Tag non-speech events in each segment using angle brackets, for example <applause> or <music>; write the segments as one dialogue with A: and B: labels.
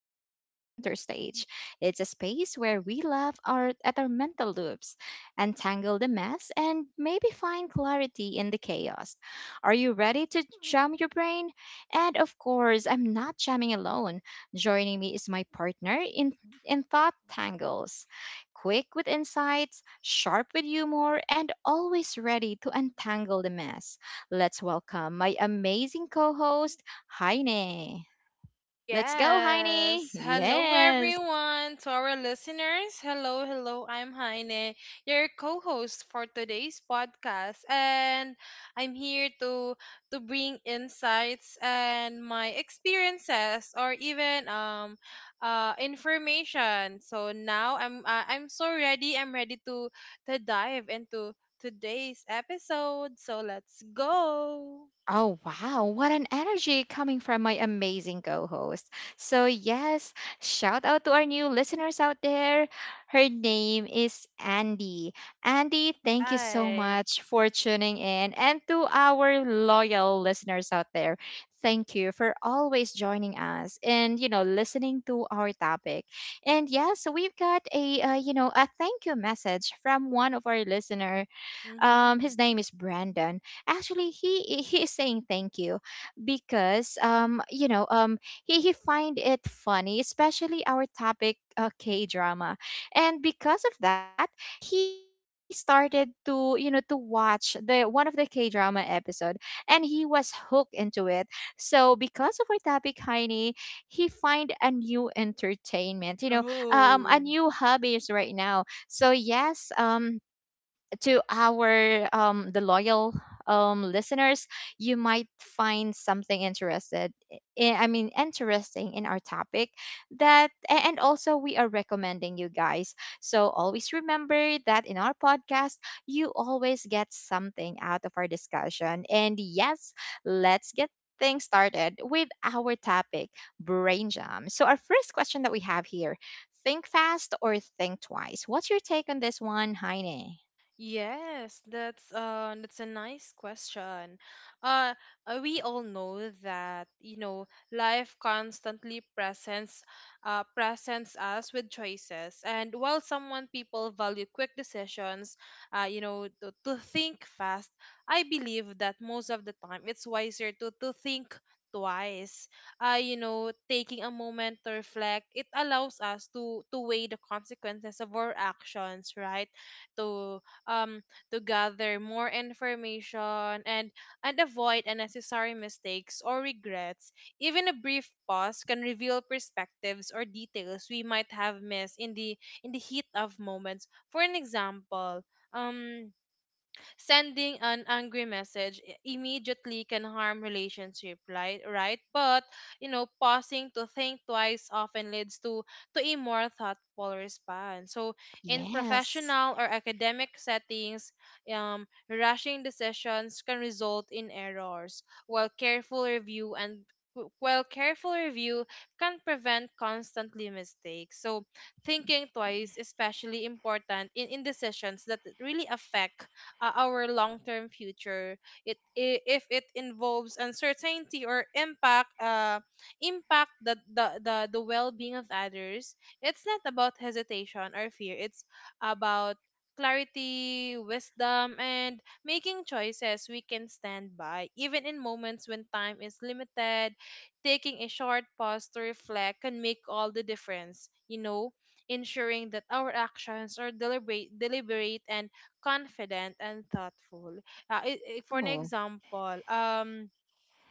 A: takes center stage. It's a space where we at our mental loops, untangle the mess, and maybe find clarity in the chaos. Are you ready to jam your brain? And of course, I'm not jamming alone. Joining me is my partner in Thought Tangles, quick with insights, sharp with humor, and always ready to untangle the mess. Let's welcome my amazing co host, Heine. Let's go, Heine.
B: Yes. Hello,
A: Yes.
B: everyone. To our listeners, hello, hello. I'm Heine, your co-host for today's podcast, and I'm here to bring insights and my experiences, or even information. So now I'm so ready. I'm ready to dive into today's episode. So let's go.
A: Oh, wow. What an energy coming from my amazing co host. So, yes, shout out to our new listeners out there. Her name is Andy. Andy, thank you so
B: Right.
A: much for tuning in. And to our loyal listeners out there, thank you for always joining us and, listening to our topic. And yes, we've got a, a thank you message from one of our listeners,
B: Mm-hmm.
A: his name is Brandon. Actually, he is saying thank you because he find it funny, especially our topic K drama, and because of that, he started to to watch the one of the K drama episode, and he was hooked into it. So because of our topic, Heini, he find a new entertainment. A
B: Oh.
A: new hobbies right now. So yes, to our the loyal listeners, you might find something interested I mean interesting in our topic that and also we are recommending you guys, so always remember that in our podcast you always get something out of our discussion. And yes, let's get things started with our topic, brain jam. So our first question that we have here: think fast or think twice? What's your take on this one, Heine?
B: Yes, that's a nice question. Uh, we all know that, you know, life constantly presents presents us with choices, and while someone people value quick decisions, you know, to think fast, I believe that most of the time it's wiser to think twice. You know, taking a moment to reflect, it allows us to weigh the consequences of our actions, right? To um, to gather more information and, avoid unnecessary mistakes or regrets. Even a brief pause can reveal perspectives or details we might have missed in the heat of moments. For an example, um sending an angry message immediately can harm relationship, right? Right? But you know, pausing to think twice often leads to a more thoughtful response. So in
A: Yes.
B: professional or academic settings, rushing decisions can result in errors, while careful review and while careful review can prevent constantly mistakes. So thinking twice is especially important in decisions that really affect our long-term future. If it involves uncertainty or impact the the well-being of others. It's not about hesitation or fear. It's about clarity, wisdom, and making choices we can stand by, even in moments when time is limited. Taking a short pause to reflect can make all the difference. You know, ensuring that our actions are deliberate, deliberate and confident and thoughtful. For an
A: Oh,
B: example,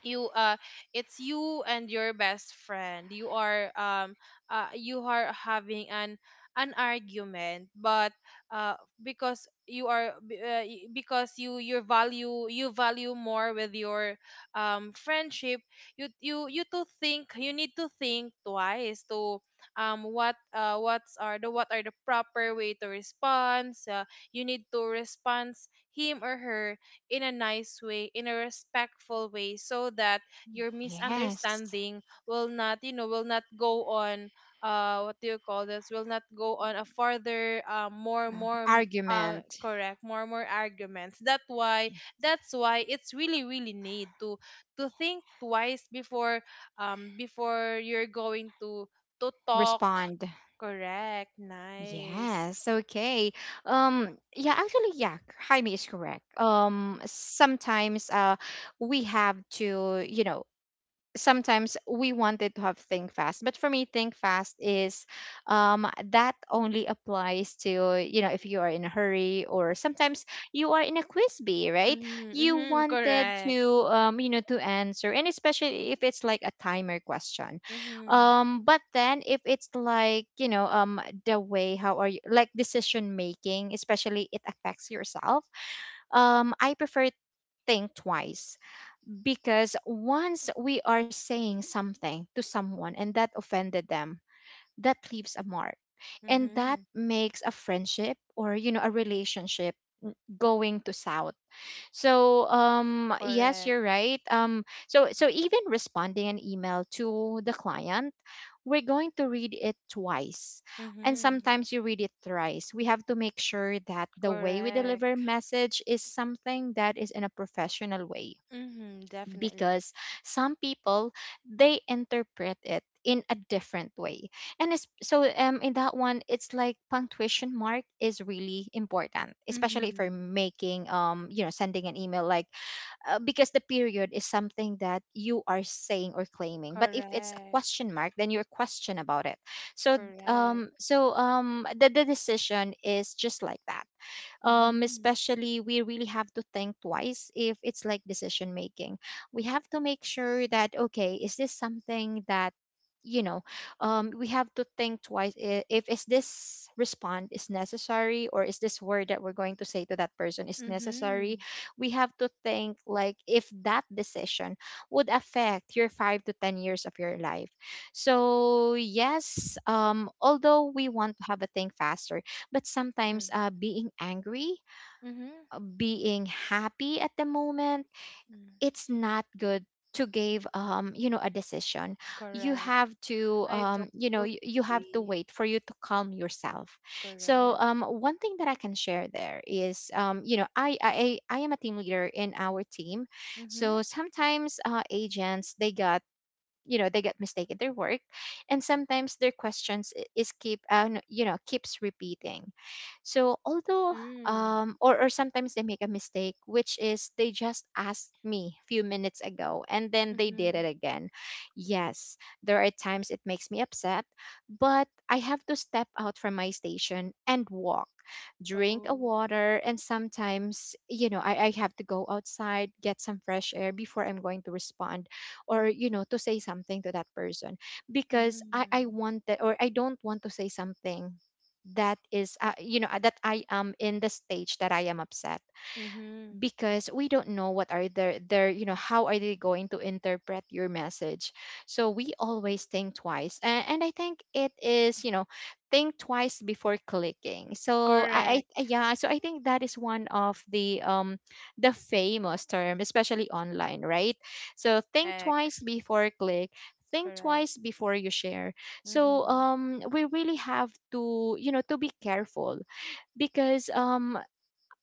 B: you it's you and your best friend. You are you are having an argument, but uh because you are b- y- because you value more with your friendship. You need to think twice to what are the proper way to respond. You need to respond him or her in a nice way, in a respectful way, so that your
A: yes.
B: misunderstanding will not, you know, will not go on. What do you call this? Will not go on a further,
A: Argument.
B: correct, more arguments.
A: Yeah.
B: That's why it's really, really need to think twice before, before you're going to talk.
A: Respond.
B: Correct. Nice.
A: Yes. Okay. Yeah. Actually, yeah. Jaime is correct. Sometimes, we have to, you know, sometimes we wanted to have think fast, but for me think fast is, um, that only applies to, you know, if you are in a hurry, or sometimes you are in a quiz bee, right?
B: Mm-hmm,
A: You
B: mm-hmm,
A: wanted
B: correct.
A: to, you know, to answer, and especially if it's like a timer question.
B: Mm-hmm,
A: But then if it's like, the way how are you like decision making, especially it affects yourself, I prefer think twice, because once we are saying something to someone and that offended them, that leaves a mark, and that
B: mm-hmm,
A: makes a friendship or, you know, a relationship going to south. So yes,
B: correct.
A: you're right. So, so even responding an email to the client, we're going to read it twice, and
B: Mm-hmm.
A: sometimes you read it thrice. We have to make sure that the way we deliver
B: Correct.
A: message is something that is in a professional way,
B: Mm-hmm. Definitely.
A: because some people, they interpret it in a different way. And so in that one, it's like punctuation mark is really important, especially if
B: Mm-hmm.
A: you're making, you know, sending an email like, because the period is something that you are saying or claiming, but if it's a
B: Correct.
A: question mark then you're question about it. So
B: Correct.
A: the decision is just like that.
B: Mm-hmm.
A: Especially we really have to think twice if it's like decision making. We have to make sure that, okay, is this something that, you know we have to think twice if is this respond is necessary, or is this word that we're going to say to that person is necessary?
B: Mm-hmm.
A: We have to think like if that decision would affect your 5 to 10 years of your life. So yes, although we want to have a think faster, but sometimes,
B: Mm-hmm.
A: being angry,
B: Mm-hmm.
A: being happy at the moment, it's not good to give you know a decision. You
B: Correct.
A: have to
B: I
A: you know,
B: totally
A: you have to
B: agree.
A: wait for you to calm yourself. So
B: Correct.
A: one thing that I can share there is, you know, I am a team leader in our team.
B: Mm-hmm.
A: So sometimes, agents, they got, you know, they get mistaken their work, and sometimes their questions is keep, you know, keeps repeating. So although,
B: Mm-hmm.
A: or sometimes they make a mistake, which is they just asked me a few minutes ago and then they did
B: Mm-hmm.
A: it again. Yes, there are times it makes me upset, but I have to step out from my station and walk, drink a
B: Oh.
A: water, and sometimes, you know, I have to go outside, get some fresh air before I'm going to respond, or you know, to say something to that person, because I
B: Mm-hmm.
A: want that, or I don't want to say something that is, you know, that I am in the stage that I am upset,
B: Mm-hmm.
A: because we don't know what are their, you know, how are they going to interpret your message. So we always think twice. And I think it is, you know, think twice before clicking. So I,
B: Correct.
A: yeah, so I think that is one of the famous term, especially online, right? So think twice
B: Correct.
A: before click, think
B: Correct.
A: twice before you share.
B: Mm-hmm.
A: So we really have to, you know, to be careful, because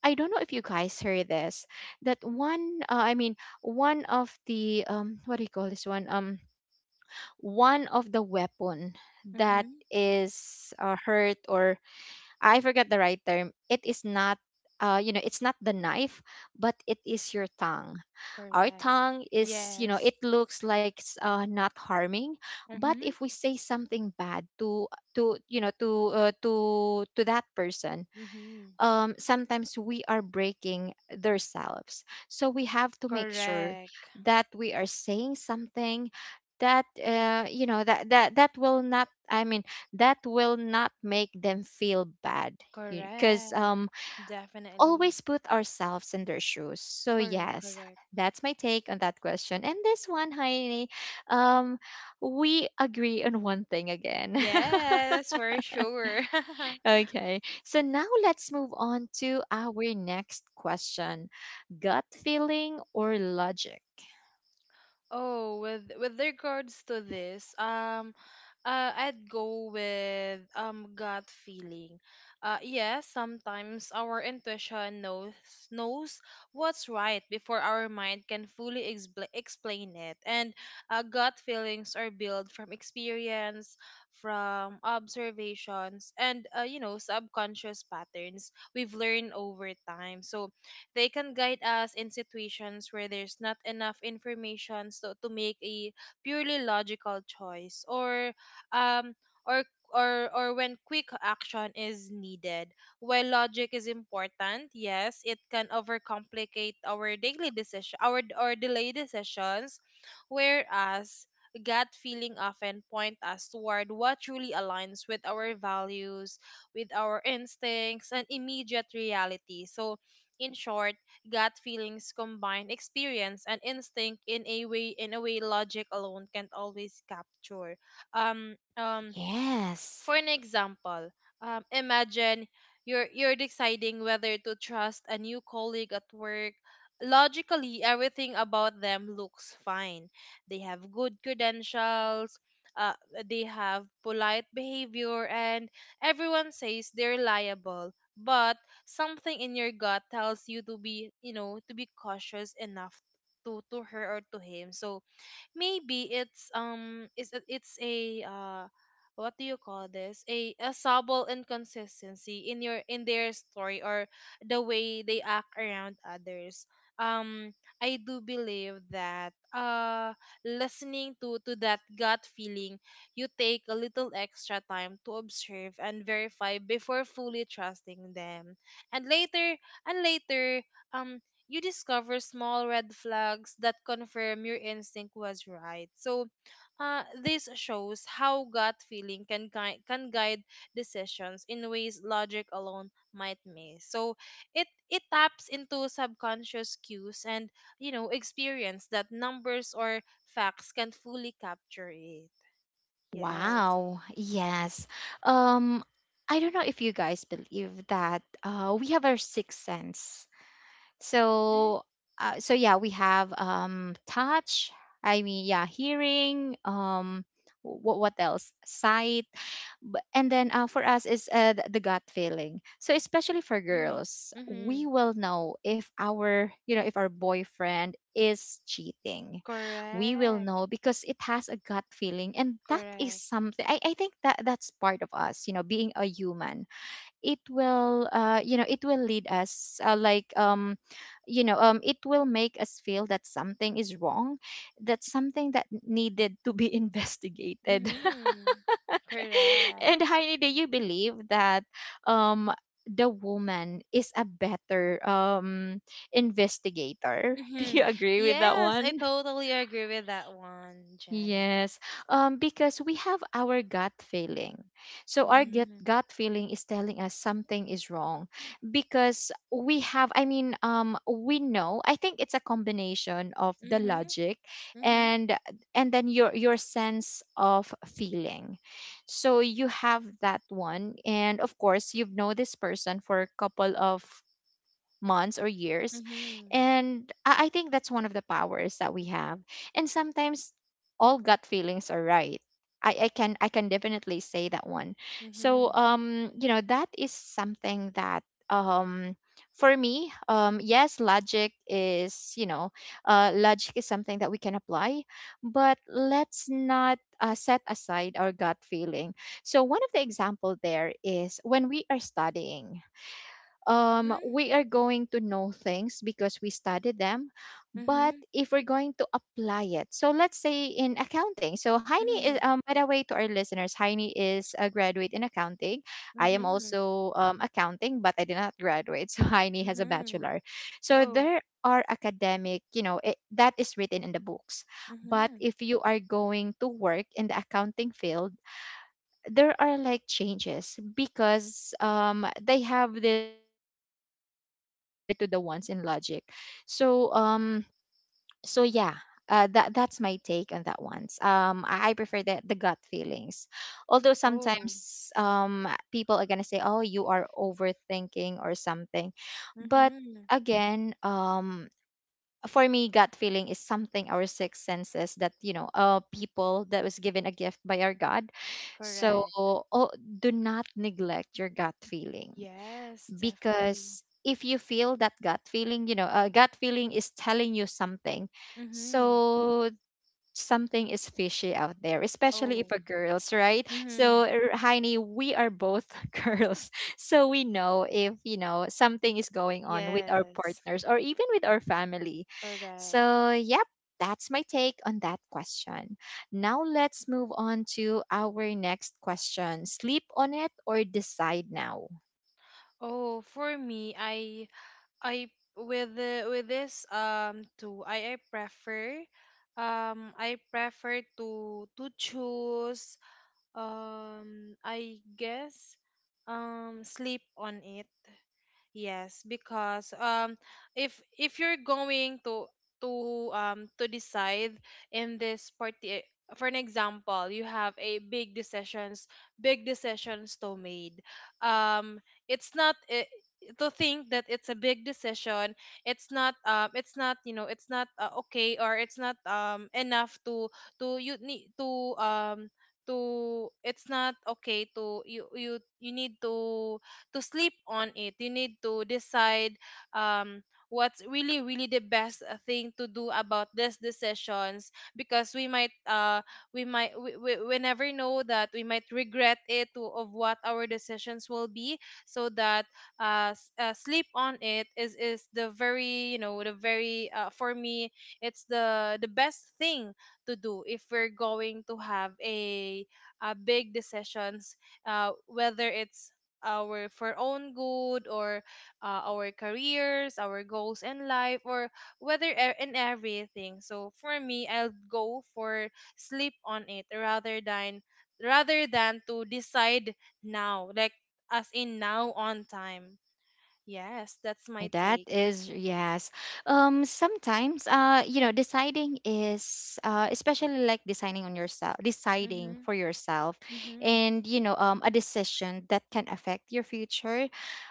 A: I don't know if you guys heard this, that one, I mean, one of the, what do you call this one one of the weapon that
B: Mm-hmm.
A: is, hurt, or I forget the right term. It is not, you know, it's not the knife, but it is your tongue. Our
B: Correct.
A: tongue is, you know,
B: Yes.
A: it looks like not harming, but
B: Mm-hmm.
A: if we say something bad to, to that person,
B: Mm-hmm.
A: sometimes we are breaking themselves. So we have to make sure
B: Correct.
A: that we are saying something that, you know, that will not, I mean, that will not make them feel bad. Because,
B: Correct. Definitely.
A: always put ourselves in their shoes. So
B: Correct,
A: yes,
B: correct.
A: that's my take on that question. And this one, Heini, um, we agree on one thing again. <laughs>
B: Yes, for sure. <laughs>
A: Okay, so now let's move on to our next question: gut feeling or logic?
B: Oh, with regards to this, I'd go with gut feeling. Yes, sometimes our intuition knows knows what's right before our mind can fully explain it, and gut feelings are built from experience, from observations, and you know, subconscious patterns we've learned over time. So they can guide us in situations where there's not enough information so to make a purely logical choice or um or or when quick action is needed. While logic is important, yes, it can overcomplicate our daily decision our or delay decisions, whereas gut feeling often point us toward what truly aligns with our values, with our instincts and immediate reality. So in short, gut feelings combine experience and instinct in a way logic alone can't always capture. Um, um,
A: Yes.
B: for an example, imagine you're deciding whether to trust a new colleague at work. Logically, everything about them looks fine. They have good credentials. Uh, they have polite behavior, and everyone says they're reliable. But something in your gut tells you to be, you know, to be cautious enough to her or to him. So maybe it's a what do you call this a subtle inconsistency in your in their story or the way they act around others. um I do believe that listening to that gut feeling, you take a little extra time to observe and verify before fully trusting them, and later um you discover small red flags that confirm your instinct was right. So, this shows how gut feeling can guide decisions in ways logic alone might miss. So, it taps into subconscious cues and you know experience that numbers or facts can fully capture it. Yes.
A: Wow. Yes. Um, I don't know if you guys believe that, we have our sixth sense.
B: Mm-hmm.
A: So, yeah, we have touch, I mean, yeah, hearing. What else? Sight. And then, for us is, the gut feeling. So especially for
B: Mm-hmm.
A: girls,
B: Mm-hmm.
A: we will know if our, you know, if our boyfriend is cheating. We will
B: Correct.
A: know because it has a gut feeling, and that is
B: Correct.
A: something. I think that that's part of us. You know, being a human, it will you know, it will lead us, you know, it will make us feel that something is wrong, that something that needed to be <laughs> investigated.
B: Mm-hmm.
A: <laughs>
B: Correct.
A: And Heidi, do you believe that um the woman is a better investigator <laughs> do
B: hmm
A: you agree with that
B: Yes, I
A: one?
B: totally agree with that one, Janet.
A: Yes, because we have our gut feeling. So our gut
B: Mm-hmm.
A: gut feeling is telling us something is wrong, because we have, I mean, we know. I think it's a combination of the
B: Mm-hmm.
A: logic
B: Mm-hmm.
A: and and then your sense of feeling. So you have that one, and of course you've known this person for a couple of months or years.
B: Mm-hmm.
A: And I think that's one of the powers that we have. And sometimes all gut feelings are right. I can, I can definitely say that one. So
B: Mm-hmm.
A: you know, that is something that, um for me, yes, logic is, you know, logic is something that we can apply, but let's not, set aside our gut feeling. So, one of the example there is when we are studying, we are going to know things because we study them. But
B: Mm-hmm.
A: if we're going to apply it, so let's say in accounting. So Heini is,
B: Mm-hmm.
A: by the way, to our listeners, Heini is a graduate in accounting. I am
B: Mm-hmm.
A: also accounting, but I did not graduate. <laughs> So Heini has a
B: Mm-hmm.
A: bachelor. So
B: Oh.
A: there are academic, you know, it, that is written in the books. But
B: Mm-hmm.
A: if you are going to work in the accounting field, there are like changes because they have this live experience compared to the ones in logic, so so yeah. That's my take on that ones. I prefer the gut feelings, although
B: Oh.
A: sometimes people are gonna say, "Oh, you are overthinking," or something. But
B: Mm-hmm.
A: again, for me, gut feeling is something, our six senses, that people that was given a gift by our god. So,
B: Correct.
A: oh, do not neglect your gut feeling,
B: Yes, definitely.
A: because if you feel that gut feeling, a gut feeling is telling you something.
B: Mm-hmm.
A: So, something is fishy out there, especially if
B: Oh.
A: a girls, right?
B: Mm-hmm.
A: So, Heini, we are both <laughs> girls, so we know if something is going on with our
B: Yes.
A: partners or even with our family.
B: Correct.
A: So, yep. That's my take on that question. Now let's move on to our next question. Sleep on it or decide now?
B: Oh, for me, I with with this too I prefer to choose, I guess, sleep on it. Yes, because if you're going to to to decide in this party, for an example, you have a big decisions to made. Um, it's not to think that it's a big decision. It's not you know, it's not okay, or it's not enough to you need to it's not okay to you need to sleep on it. You need to decide um what's really really the best thing to do about these decisions, because we might we never know that we might regret it to, of what our decisions will be. So that sleep on it is the very you know the very for me, it's the best thing to do if we're going to have a big decisions, whether it's our for own good or our careers, our goals in life, or whether in everything. So for me, I'll go for sleep on it rather than to decide now like, as in now on time. Yes, that's my
A: That
B: take.
A: is, yes. Sometimes, deciding is, especially like deciding on yourself, deciding
B: Mm-hmm,
A: for yourself,
B: mm-hmm.
A: and a decision that can affect your future.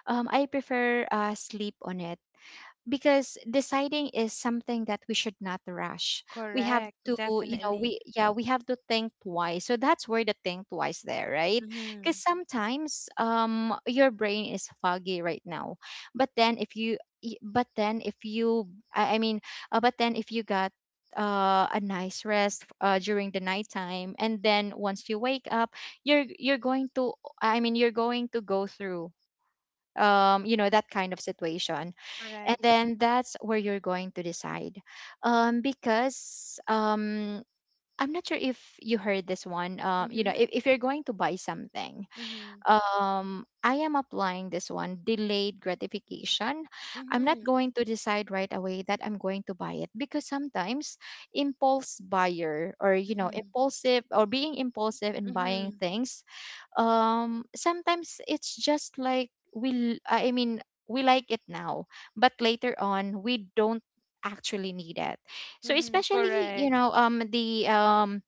A: I prefer sleep on it, because deciding is something that we should not rush. We have
B: Correct,
A: to, you know
B: definitely.
A: we yeah, we have to think twice. So that's where the think twice there, right? Because
B: Mm-hmm,
A: sometimes your brain is foggy right now, but then if you y- but then if you I mean but then if you got a nice rest during the nighttime, and then once you wake up, you're going to, I mean, you're going to go through that kind of situation, and
B: correct.
A: then that's where you're going to decide. Because I'm not sure if you heard this one.
B: Mm-hmm,
A: If you're going to buy something,
B: mm-hmm,
A: I am applying this one, delayed gratification. I'm not
B: mm-hmm,
A: going to decide right away that I'm going to buy it, because sometimes impulse buyer, or
B: mm-hmm,
A: impulsive, or being impulsive in buying
B: mm-hmm,
A: things, sometimes it's just like I mean, we like it now, but later on we don't actually need it. So
B: mm-hmm.
A: especially
B: Correct,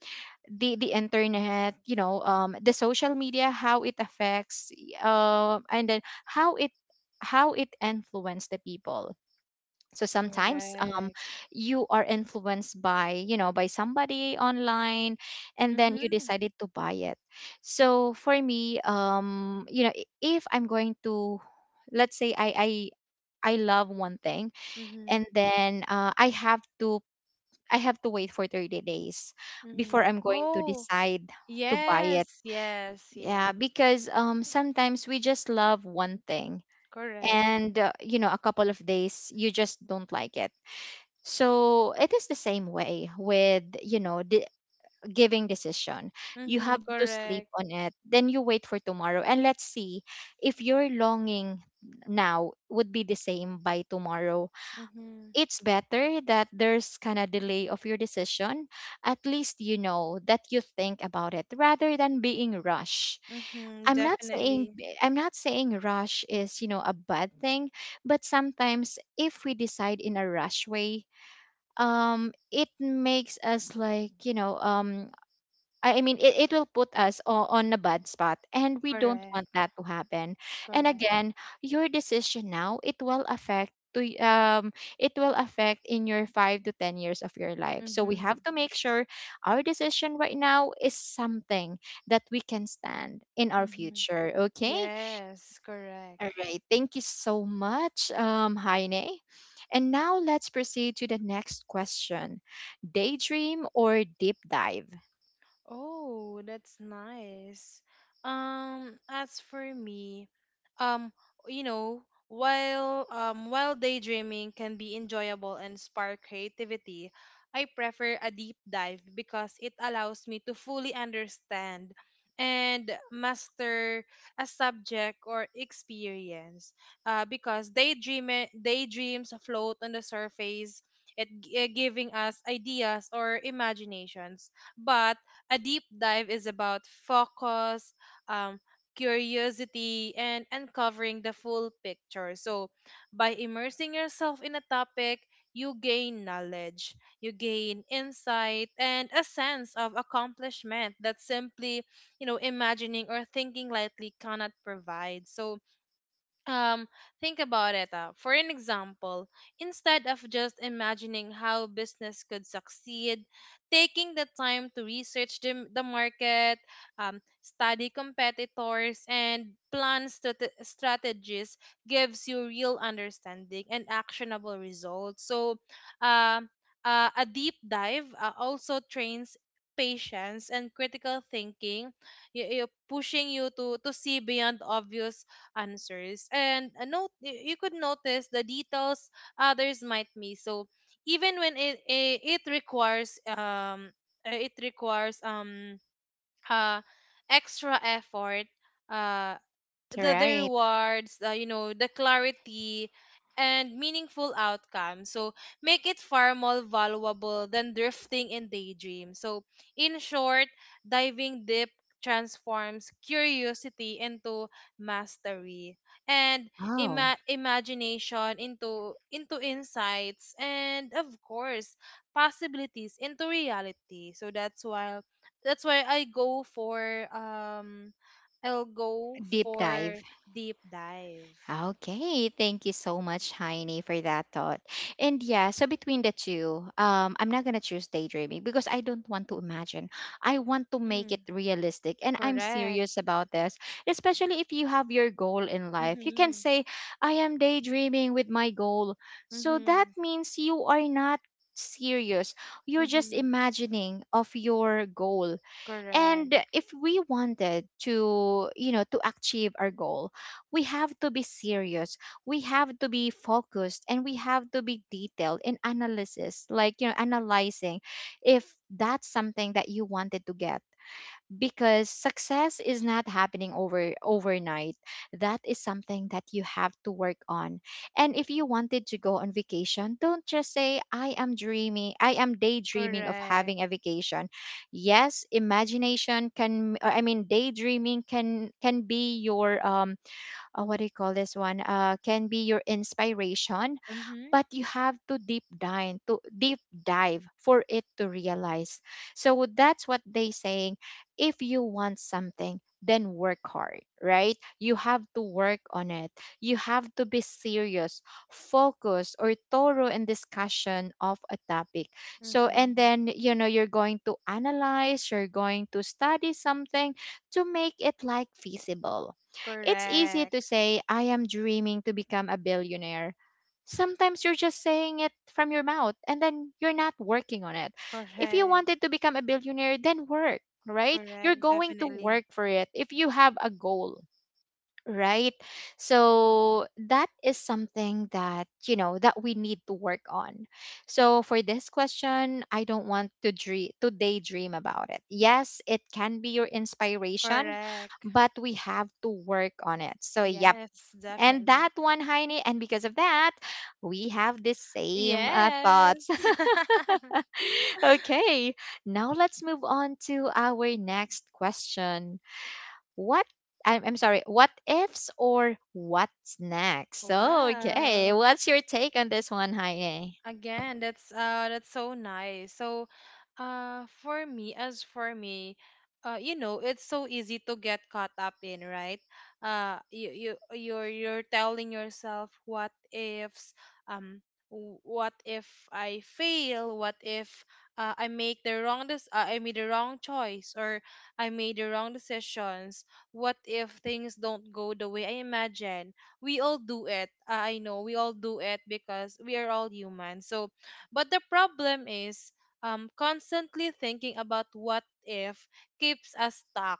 A: the internet, the social media, how it affects, and then how it, how it influenced the people. So sometimes,
B: correct.
A: you are influenced by, by somebody online, and then you
B: Mm-hmm.
A: decided to buy it. So for me, if I'm going to, let's say, I love one thing,
B: Mm-hmm.
A: and then I have to wait for 30 days before
B: Mm-hmm.
A: I'm going to
B: Oh,
A: decide to buy
B: yes,
A: it.
B: yes,
A: Yeah,
B: yes.
A: because sometimes we just love one thing,
B: Correct.
A: and a couple of days you just don't like it. So it is the same way with, the giving decision. You
B: Mm-hmm.
A: have to sleep
B: Correct.
A: on it. Then you wait for tomorrow. And let's see if your longing now would be the same by tomorrow.
B: Mm-hmm.
A: It's better that there's kind of delay of your decision. At least you know that you think about it rather than being rush.
B: Mm-hmm.
A: I'm not saying
B: Definitely.
A: I'm not saying rush is, a bad thing, but sometimes if we decide in a rush way, it makes us like, I mean, it will put us on a bad spot, and we don't want
B: Correct.
A: that to happen. And
B: Correct.
A: again, your decision now, it will affect it will affect in your 5 to 10 years of your life, so we have
B: Mm-hmm.
A: to make sure our decision right now is something that we can stand in our
B: Mm-hmm.
A: future. Okay,
B: Yes,
A: all
B: correct.
A: right. Thank you so much, Heine. And now let's proceed to the next question. Daydream or deep dive?
B: Oh, that's nice. As for me, um, you know, while daydreaming can be enjoyable and spark creativity, I prefer a deep dive because it allows me to fully understand and master a subject or experience. Because daydreams float on the surface, giving us ideas or imaginations, but a deep dive is about focus, um, curiosity, and uncovering the full picture. So, by immersing yourself in a topic, you gain knowledge, you gain insight, and a sense of accomplishment that simply, you know, imagining or thinking lightly cannot provide. So, um think about it, for an example, instead of just imagining how business could succeed, taking the time to research the market, study competitors, and plan strategies gives you real understanding and actionable results. So um a deep dive, also trains patience and critical thinking, you pushing you to see beyond obvious answers, and you could notice the details others might miss. So even when it requires uh extra effort, uh
A: All
B: the
A: right.
B: rewards, you know, the clarity and meaningful outcome, so make it far more valuable than drifting in daydream. So in short, diving deep transforms curiosity into mastery and
A: Oh,
B: imagination into insights, and of course possibilities into reality. So that's why, that's why i go for um I'll go
A: deep dive.
B: for deep dive.
A: Okay, thank you so much, Heine, for that thought. And yeah, so between the two, I'm not gonna choose daydreaming because I don't want to imagine. I want to make it
B: Mm,
A: realistic, and I'm
B: correct.
A: serious about this. Especially if you have your goal in life, you can
B: Mm-hmm.
A: say, "I am daydreaming with my goal." So
B: Mm-hmm.
A: that means you are not serious. You're just
B: Mm-hmm.
A: imagining of your goal.
B: Correct.
A: And if we wanted to, to achieve our goal, we have to be serious, we have to be focused, and we have to be detailed in analysis, like, analyzing if that's something that you wanted to get, because success is not happening overnight. That is something that you have to work on. And if you wanted to go on vacation, don't just say, "I am dreaming, I am daydreaming of
B: Correct.
A: having a vacation." Yes, imagination can, I mean, daydreaming can be your what do you call this one, can be your inspiration.
B: Mm-hmm.
A: But you have to deep dive, to deep dive for it to realize. So that's what they saying. If you want something, then work hard, right? You have to work on it. You have to be serious, focused, or thorough in discussion of a topic. So, and
B: Mm-hmm.
A: then, you're going to analyze, you're going to study something to make it like feasible. It's easy
B: Correct.
A: to say, "I am dreaming to become a billionaire." Sometimes you're just saying it from your mouth and then you're not working on it. If you
B: Correct.
A: wanted to become a billionaire, then work, right? You're
B: Correct.
A: going to
B: Definitely.
A: work for it if you have a goal, right? So that is something that, that we need to work on. So for this question, I don't want to dream, to daydream about it. Yes, it can be your inspiration,
B: Correct.
A: but we have to work on it. So yeah,
B: Yes,
A: and
B: definitely.
A: that one, Heine, and because of that, we have the same
B: Yes.
A: thoughts.
B: <laughs>
A: <laughs> Okay, now let's move on to our next question. What I'm, sorry, what ifs or what's next? So, okay,
B: Wow.
A: what's your take on this one, Heine?
B: Again, that's so nice. So, as for me, you know, it's so easy to get caught up in, right? You're telling yourself what ifs. um what if I fail? What if I made the wrong choice or I made the wrong decisions? What if things don't go the way I imagine? We all do it. I know we all do it because we are all human. So, but the problem is, constantly thinking about what if keeps us stuck.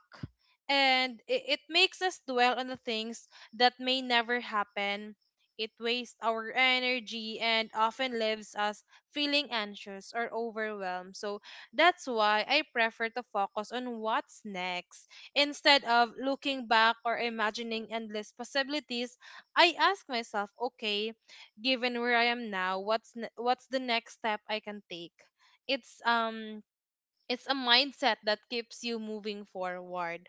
B: And it makes us dwell on the things that may never happen. It wastes our energy and often leaves us feeling anxious or overwhelmed. So that's why I prefer to focus on what's next. Instead of looking back or imagining endless possibilities, I ask myself, okay, given where I am now, what's the next step I can take? It's um it's a mindset that keeps you moving forward.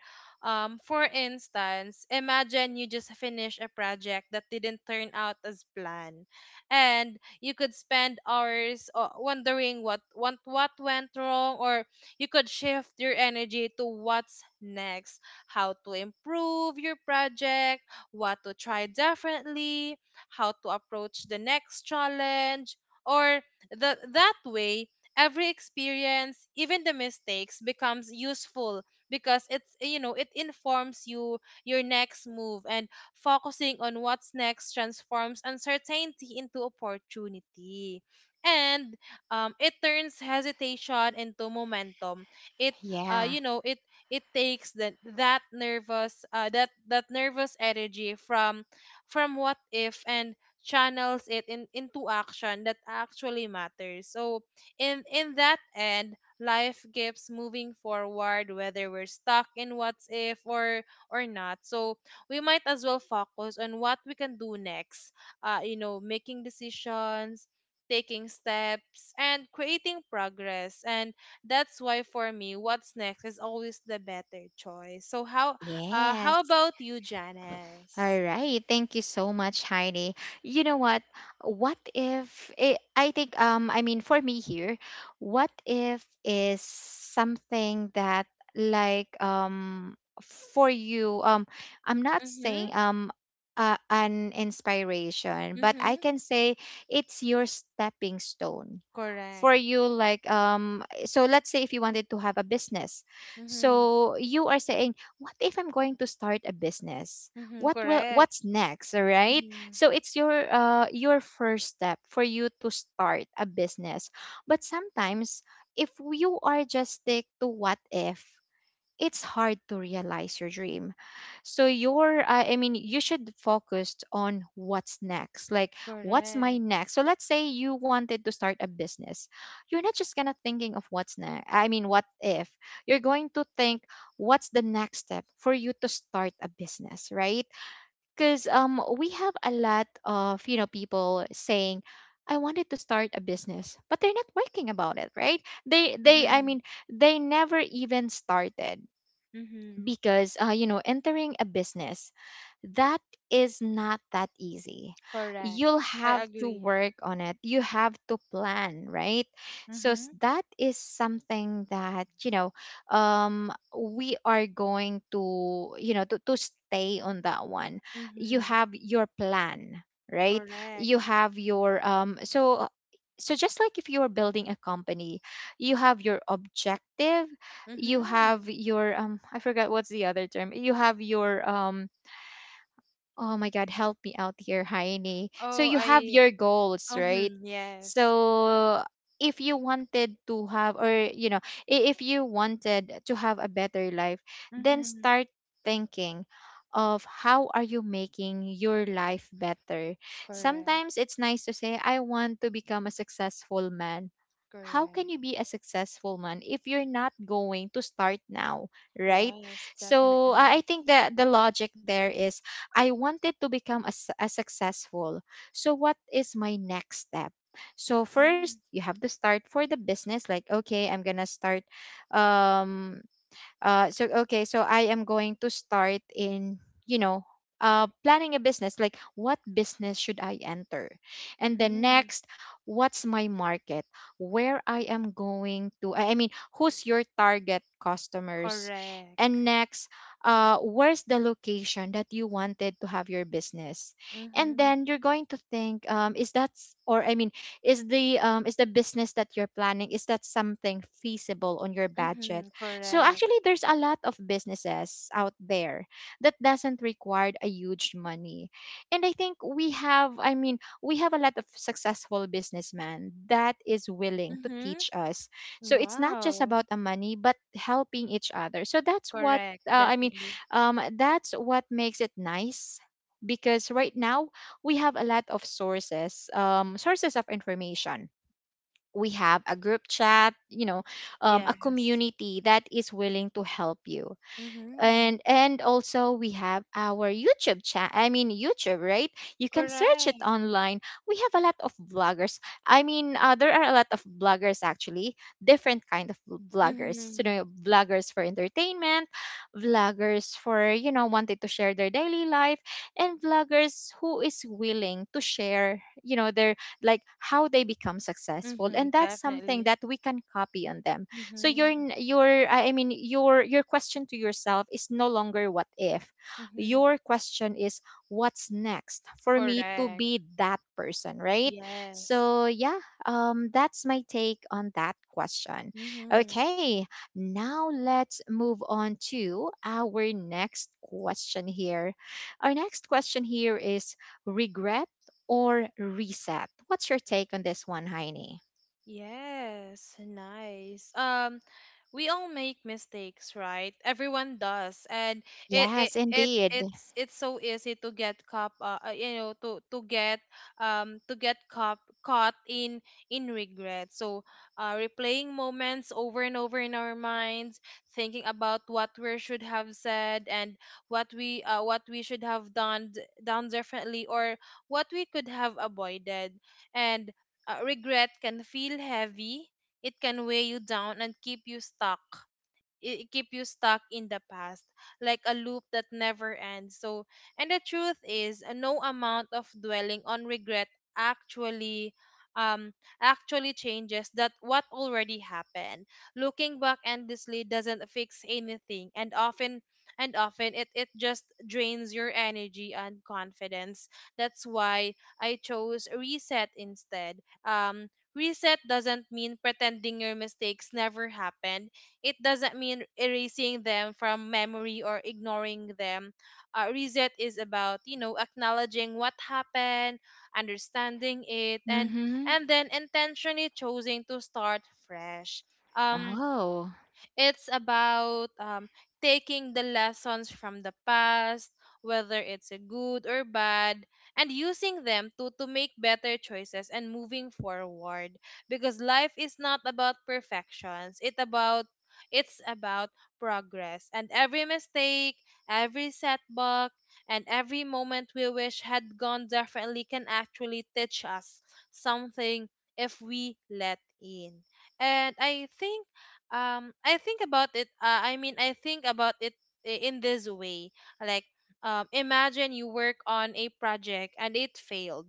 B: For instance, imagine you just finished a project that didn't turn out as planned, and you could spend hours wondering what went wrong, or you could shift your energy to what's next, how to improve your project, what to try differently, how to approach the next challenge, or that way every experience, even the mistakes, becomes useful because it informs you your next move. And focusing on what's next transforms uncertainty into opportunity, and it turns hesitation into momentum. it uh,
A: Yeah.
B: you know it it takes that that nervous energy from what if and channels it into action that actually matters. So in that end, life keeps moving forward whether we're stuck in what's if or not, so we might as well focus on what we can do next, making decisions, taking steps, and creating progress. And that's why, for me, what's next is always the better choice. So how
A: Yes.
B: about you,
A: All
B: Janice?
A: right. Thank you so much, Heidi. You know what? What if it, I think, I mean, for me here, what if is something that, like, for you, I'm not
B: Mm-hmm.
A: saying, an inspiration, but I
B: Mm-hmm.
A: can say it's your stepping stone for
B: Correct.
A: you. Like, so let's say if you wanted to have a business,
B: Mm-hmm.
A: so you are saying, "What if I'm going to start a business?
B: Mm-hmm. Correct.
A: What's next?" All right.
B: Mm-hmm.
A: So it's your first step for you to start a business. But sometimes, if you are just stick to what if, it's hard to realize your dream. So your I mean, you should focus on what's next. Like, what's my
B: Correct.
A: next? So let's say you wanted to start a business, you're not just gonna thinking of what's next, I mean what if. You're going to think what's the next step for you to start a business, right? Because we have a lot of, people saying, "I wanted to start a business," but they're not working about it, right? They, they i
B: Mm-hmm.
A: mean they never even started,
B: Mm-hmm.
A: because entering a business, that is not that easy.
B: Correct.
A: You'll
B: I
A: have to
B: agree.
A: work on it, you have to plan, right? So
B: Mm-hmm.
A: that is something that, we are going to, to stay on that one. You
B: Mm-hmm.
A: have your plan, right? You
B: Correct.
A: have your, so, just like if you're building a company, you have your objective, you
B: Mm-hmm.
A: have your, I forgot what's the other term. You have your, oh my God, help me out here, Heine. So
B: Oh,
A: you have
B: I.
A: your goals, right?
B: Mm-hmm. Yes.
A: So if you wanted to have, or, if you wanted to have a better life, then
B: Mm-hmm.
A: start thinking of how are you making your life better.
B: Correct.
A: Sometimes it's nice to say, "I want to become a successful man." How can you
B: Correct.
A: be a successful man if you're not going to start now, right?
B: Yes,
A: So I
B: definitely.
A: think that the logic there is, I wanted to become as, successful. So what is my next step? So first,
B: Mm-hmm.
A: you have to start for the business. Like, okay, I'm going to start, um so okay, so I am going to start in, planning a business. Like, what business should I enter? And then
B: Mm-hmm.
A: next, what's my market? Where I am going to? I mean, who's your target customers? And
B: Correct.
A: next, where's the location that you wanted to have your business? And
B: Mm-hmm.
A: then you're going to think, or, I mean, is the, is the business that you're planning, is that something feasible on your budget?
B: Mm-hmm.
A: So
B: Correct.
A: actually there's a lot of businesses out there that doesn't require a huge money. And I think we have I mean, we have a lot of successful businessmen that is willing to
B: Mm-hmm.
A: teach us. So it's not just
B: Wow.
A: about the money, but helping each other. So that's what
B: Correct.
A: uh, I mean
B: Definitely.
A: that's what makes it nice because right now we have a lot of sources sources of information. We have a group chat, a
B: Yes.
A: community that is willing to help you.
B: Mm-hmm.
A: And also we have our youtube chat I mean youtube, right? You can search it
B: Correct.
A: online. We have a lot of bloggers. I mean there are a lot of bloggers actually, different kind of bloggers. So
B: Mm-hmm.
A: you know, bloggers for entertainment, vloggers for you know wanted to share their daily life, and vloggers who is willing to share you know their, like how they become successful,
B: Mm-hmm.
A: and that's something
B: Definitely.
A: that we can copy on them. So your
B: Mm-hmm.
A: n- your I mean your question to yourself is no longer what if.
B: Mm-hmm.
A: Your question is, what's next for me to
B: Correct.
A: be that person, right?
B: Yes.
A: So yeah, that's my take on that question.
B: Mm-hmm.
A: Okay, now let's move on to our next question here. Our next question here is regret or reset. What's your take on this one, Heini?
B: Yes, nice. We all make mistakes, right? Everyone does, and it it,
A: Yes,
B: it
A: indeed.
B: it's it's so easy to get caught, you know, to get caught in regret. So, replaying moments over and over in our minds, thinking about what we should have said and what we should have done done differently, or what we could have avoided. And regret can feel heavy. It can weigh you down and keep you stuck, in the past, like a loop that never ends. So and the truth is, no amount of dwelling on regret actually, um actually changes that what already happened. Looking back endlessly doesn't fix anything, and often, it just drains your energy and confidence. That's why I chose reset instead. um Reset doesn't mean pretending your mistakes never happened. It doesn't mean erasing them from memory or ignoring them. Reset is about, you know, acknowledging what happened, understanding it, and
A: Mhm.
B: and then intentionally choosing to start fresh. Um,
A: Oh,
B: it's about, taking the lessons from the past, whether it's a good or bad, and using them to make better choices and moving forward. Because life is not about perfections. It's about progress. And every mistake, every setback, and every moment we wish had gone differently can actually teach us something if we let in. And I think about it I mean I think about it in this way. Like, imagine you work on a project and it failed.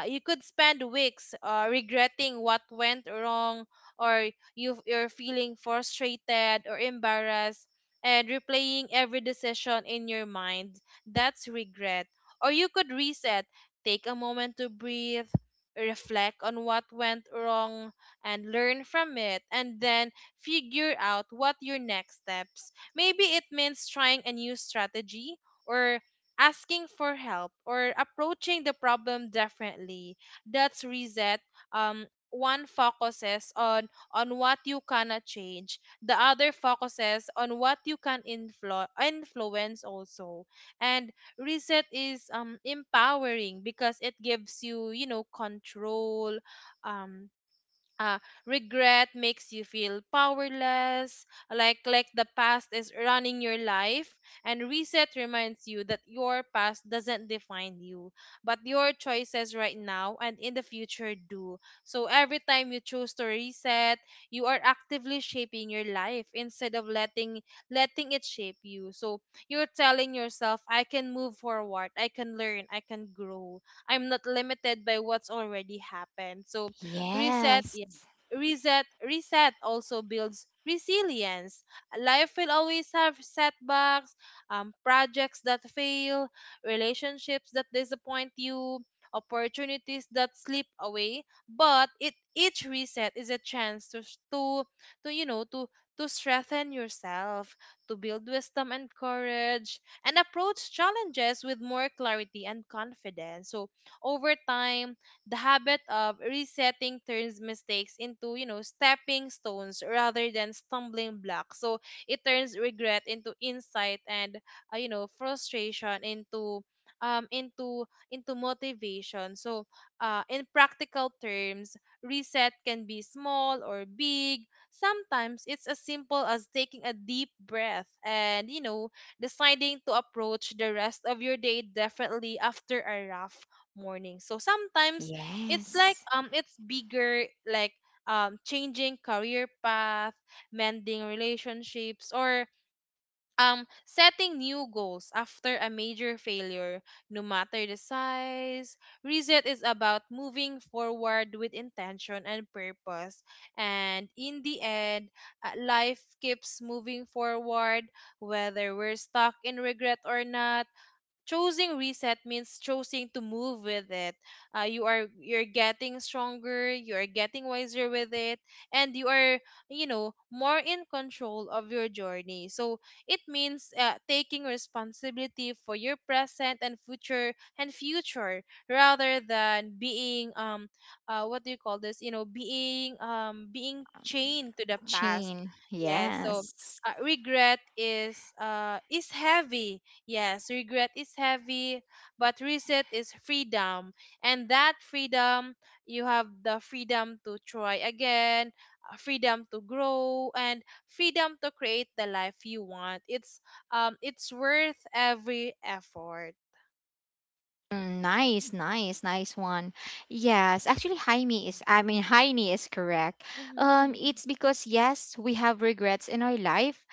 B: You could spend weeks regretting what went wrong, or you're feeling frustrated or embarrassed and replaying every decision in your mind. That's regret. Or you could reset, take a moment to breathe, reflect on what went wrong and learn from it, and then figure out what your next steps. Maybe it means trying a new strategy, or asking for help, or approaching the problem differently. That's reset. Um One focuses on what you cannot change, the other focuses on what you can influence also. And reset is empowering because it gives you, you know, control. um uh, Regret makes you feel powerless, like the past is running your life, and reset reminds you that your past doesn't define you, but your choices right now and in the future do. So every time you choose to reset, you are actively shaping your life instead of letting it shape you. So you're telling yourself, I can move forward, I can learn, I can grow, I'm not limited by what's already happened. So reset
A: yes.
B: reset also builds resilience. Life will always have setbacks: projects that fail, relationships that disappoint you, opportunities that slip away. But it each reset is a chance to s- to you know to strengthen yourself, to build wisdom and courage, and approach challenges with more clarity and confidence. So over time, the habit of resetting turns mistakes into, you know, stepping stones rather than stumbling blocks. So it turns regret into insight, and, you know, frustration um into into motivation. So, in practical terms, reset can be small or big. Sometimes it's as simple as taking a deep breath and, you know, deciding to approach the rest of your day differently after a rough morning. So sometimes
A: Yes.
B: it's bigger, like changing career path, mending relationships, or setting new goals after a major failure. No matter the size, reset is about moving forward with intention and purpose. And in the end, life keeps moving forward, whether we're stuck in regret or not. Choosing reset means choosing to move with it. You are, you're getting stronger, you are getting wiser with it, and you are, you know, more in control of your journey. So it means, taking responsibility for your present and future, rather than being, what do you call this, you know, being, being chained to the past.
A: Chain.
B: Yes. So,
A: Yes.
B: regret is heavy. Yes, regret is heavy, but reset is freedom. And that freedom, you have the freedom to try again, freedom to grow, and freedom to create the life you want. It's worth every effort.
A: Mm, nice, nice, nice one. Yes, actually, Jaime is, I mean, Heine is correct.
B: Mhm.
A: It's because, yes, we have regrets in our life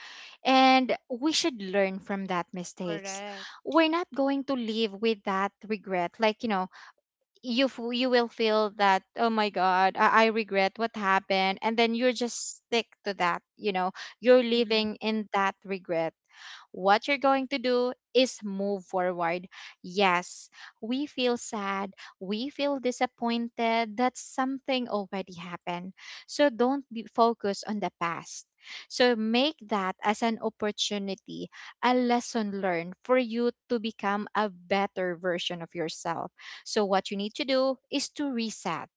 A: and we should learn from that mistakes.
B: Correct.
A: We're not going to live with that regret. Like, you know, you will feel that, oh my god, I regret what happened, and then you're just stick to that, you know, you're
B: Mhm.
A: living in that regret. What you're going to do is move forward. Yes, we feel sad, we feel disappointed that something already happened. So don't be focused on the past. So make that as an opportunity, a lesson learned for you to become a better version of yourself. So what you need to do is to reset.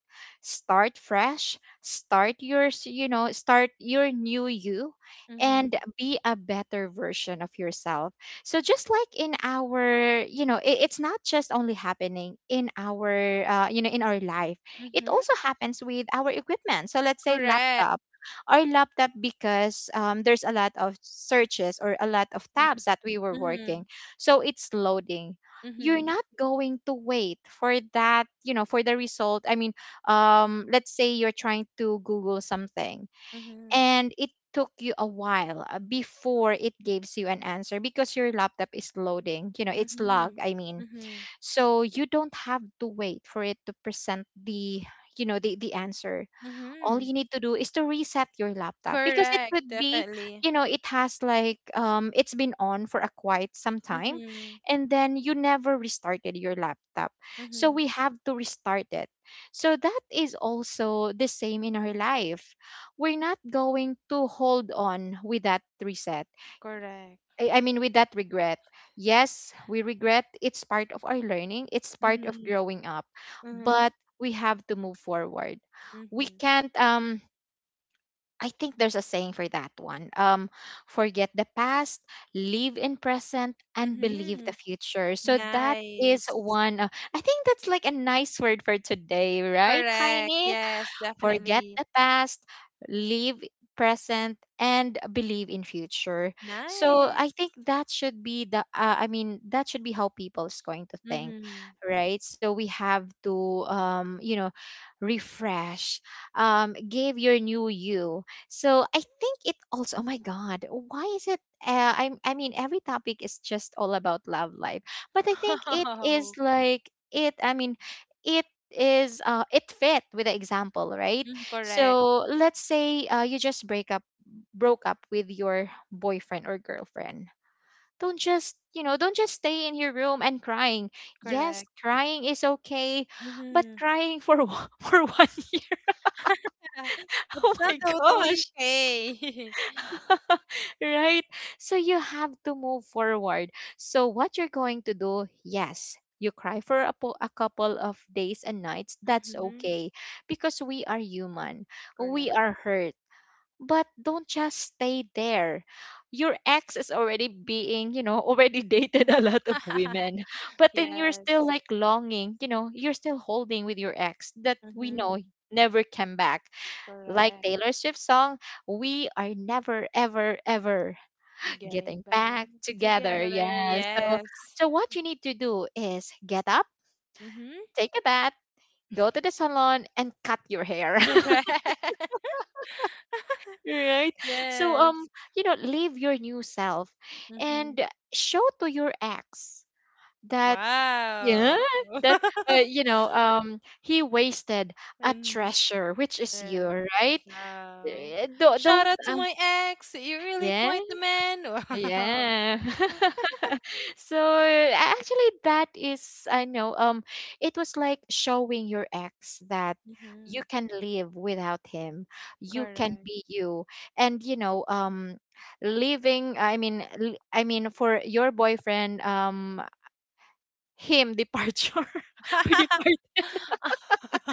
A: Start fresh, start your new you,
B: Mhm.
A: and be a better version of yourself. So just like in our, you know, it's not just only happening in our, you know, in our life. It
B: Mhm.
A: also happens with our equipment. So let's say
B: Correct.
A: laptop. Our laptop, because there's a lot of searches or a lot of
B: Mhm.
A: tabs that we were working,
B: Mhm.
A: so it's loading. You're
B: Mhm.
A: not going to wait for that, you know, for the result. I mean, let's say you're trying to Google something,
B: Mhm.
A: and it took you a while before it gives you an answer because your laptop is loading, you know, it's log
B: Mhm.
A: I mean
B: Mhm.
A: so you don't have to wait for it to present the, you know, the answer. All
B: Mhm.
A: you need to do is to reset your laptop, because it
B: Correct,
A: could be,
B: definitely.
A: you know, it has like it's been on for a quite some time
B: Mhm.
A: and then you never restarted your laptop, so
B: Mhm.
A: we have to restart it. So that is also the same in our life. We're not going to hold on with that reset,
B: Correct.
A: I mean with that regret. Yes, we regret. It's part of our learning, it's part of
B: Mm-hmm.
A: growing up,
B: Mm-hmm.
A: but we have to move forward. We
B: Mm-hmm.
A: can't I think there's a saying for that one. Forget the past, live in present, and believe the
B: Mm-hmm.
A: future. So that is
B: Nice.
A: one. I think that's like a nice word for today, right,
B: Correct.
A: Heine?
B: Yes,
A: Forget
B: definitely.
A: the past, live present, and believe in future. So
B: Nice.
A: I think that should be the that should be how people is going to think,
B: Mm-hmm.
A: right? So we have to you know refresh, give your new you. So I think it also, oh my god, why is it I mean every topic is just all about love life. But I think it
B: <laughs>
A: is
B: Oh,
A: like it I mean it is it fit with the example, right?
B: correct.
A: So let's say you just break up broke up with your boyfriend or girlfriend. Don't just, you know, don't just stay in your room and crying. Yes,
B: Correct.
A: crying is okay, but
B: Mm-hmm.
A: crying for <laughs> for 1 year
B: <laughs>
A: <laughs> oh
B: It's not
A: my
B: totally
A: gosh
B: okay. <laughs>
A: <laughs> right? So you have to move forward. So what you're going to do, yes, you cry for a, a couple of days and nights. That's
B: Mm-hmm.
A: okay because we are human. We
B: Correct.
A: are hurt. But don't just stay there. Your ex is already being, you know, already <laughs> dated a lot of
B: <laughs>
A: women. But then you're still
B: Yes.
A: like longing, you know, you're still holding with your ex that we
B: Mm-hmm.
A: know never came back. Like
B: Correct.
A: Taylor Swift's song, we are never, ever, ever
B: Getting
A: getting
B: back
A: back together.
B: together.
A: Yeah. So,
B: Yes.
A: so what you need to do is get up,
B: Mm-hmm.
A: take a bath, go to the salon, and cut your hair.
B: Correct.
A: <laughs>
B: <laughs>
A: Right. So,
B: Yes.
A: you know, live your new self,
B: Mhm.
A: and show to your ex that, yeah,
B: Wow.
A: that
B: <laughs>
A: you know he wasted a
B: And
A: treasure, which is you,
B: yeah.
A: right?
B: Wow. Shout
A: Don't
B: out to my ex. You're really
A: yeah.
B: quite the man. <laughs> Wow.
A: Yeah. <laughs> So actually that is, I know it was like showing your ex that you
B: Hmm.
A: can live without him. You can
B: Correct.
A: be you. And you know leaving I mean l- I mean for your boyfriend him departure <laughs> or
B: <laughs>
A: departure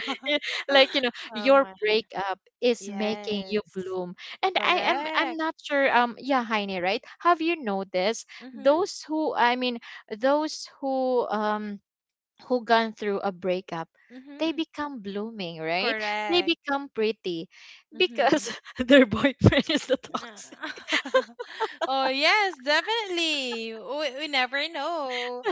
A: <laughs> like, you know,
B: Oh
A: your
B: my.
A: breakup is making you
B: Yes.
A: bloom. And I'm
B: Correct.
A: not sure yeah, Heine, right? Have you noticed
B: Mm-hmm.
A: those who i mean those who gone through a breakup, they
B: Mm-hmm.
A: become blooming, right? They
B: Correct.
A: become pretty
B: Mm-hmm.
A: because <laughs> their boyfriend is the
B: Nah.
A: toxic.
B: <laughs> Oh yes, definitely. We never know.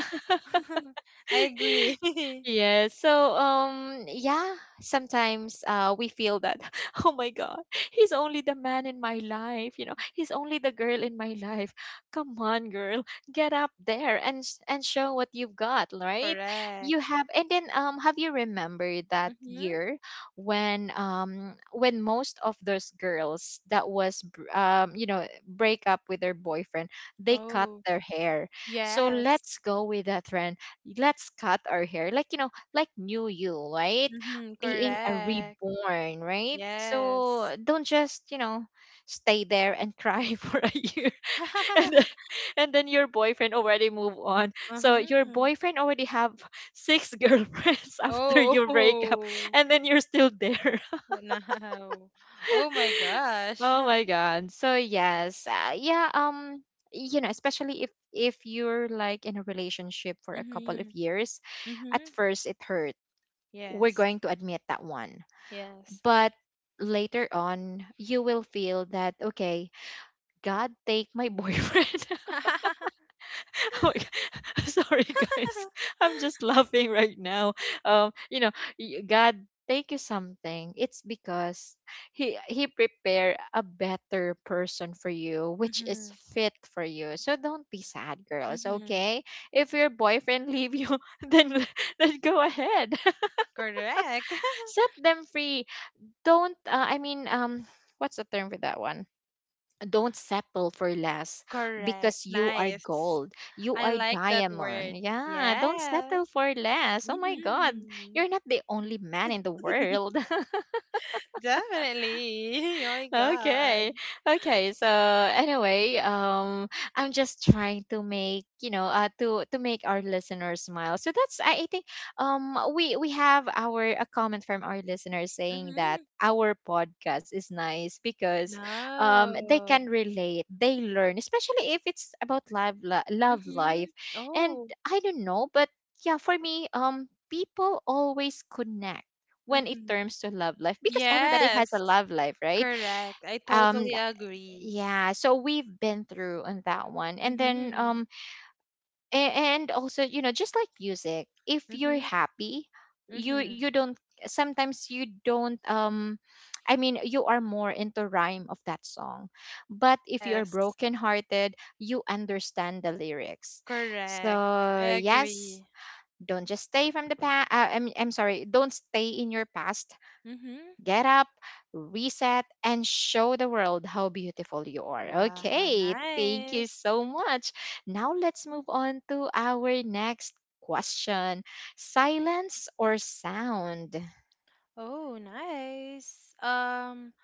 B: <laughs> I agree.
A: <laughs>
B: <laughs>
A: Yeah, so yeah, sometimes we feel that <laughs> oh my god, he's only the man in my life, you know, he's only the girl in my life. Come on girl, get up there and show what you've got, right?
B: Correct.
A: You have. And then have you remembered that
B: Mm-hmm.
A: year when most of those girls that was you know break up with their boyfriend, they cut
B: Oh,
A: their hair. So
B: yes.
A: let's go with that trend. Let's cut our hair like, you know, like new you, right?
B: Mm-hmm.
A: Being a
B: Correct.
A: reborn, right? So
B: Yes.
A: don't just, you know, stay there and cry <laughs> for a year. And then,
B: <laughs>
A: and then your boyfriend already move on, so your
B: Mm-hmm.
A: boyfriend already have six <laughs> girlfriends after
B: Oh.
A: your breakup,
B: <laughs>
A: and then you're still there.
B: Wow. Oh my
A: <laughs>
B: gosh.
A: Oh
B: <laughs>
A: my god. So yes, you know, especially if you're like in a relationship for a couple of
B: Mm-hmm.
A: years, at
B: Mm-hmm.
A: first it hurts. We're
B: Yes.
A: going to admit that one.
B: Yes.
A: But later on, you will feel that, okay, God take my boyfriend. <laughs>
B: <laughs>
A: Oh my God. <laughs> Sorry, guys. <laughs> I'm just laughing right now. You know, God take you something. It's because he prepare a better person for you, which is
B: Mm-hmm.
A: fit for you. So don't be sad, girls.
B: Mm-hmm.
A: Okay, if your boyfriend leave you, <laughs> then then go ahead <laughs>
B: Correct. <laughs>
A: set them free. Don't what's the term for that one? Don't settle for less,
B: Correct.
A: because you are
B: Nice.
A: gold, you
B: I
A: are
B: like that
A: diamond.
B: word.
A: Yeah, don't
B: Yes.
A: settle for less, oh my god.
B: Mhm.
A: You're not the only man in the
B: <laughs>
A: world. <laughs>
B: Definitely. <laughs> Oh my God.
A: Okay. Okay. So anyway, I'm just trying to make, you know, to make our listeners smile. So that's I think we have our a comment from our listeners saying that
B: Mhm.
A: our podcast is nice because they
B: No.
A: can relate, they learn, especially if it's about love life.
B: Mhm.
A: And
B: Oh.
A: I don't know, but yeah, for me, people always connect when it
B: Mhm.
A: terms to love life, because everybody has a
B: Yes.
A: love life, right?
B: Correct. I
A: um
B: totally agree.
A: yeah, so we've been through on that one, and then
B: Mhm.
A: a- and also, you know, just like music, if you're
B: Mhm.
A: happy, you
B: Mhm.
A: you don't sometimes you don't <tsk> you are more into rhyme of that song. But if you're
B: Yes.
A: brokenhearted, you understand the lyrics.
B: Correct. I
A: So yes,
B: agree.
A: don't just stay from the past. I'm, sorry, don't stay in your past.
B: Mhm.
A: Get up, reset, and show the world how beautiful you are.
B: Wow,
A: Okay, thank you
B: nice.
A: so much. Now let's move on to our next question. Silence or sound?
B: Oh, nice. Um,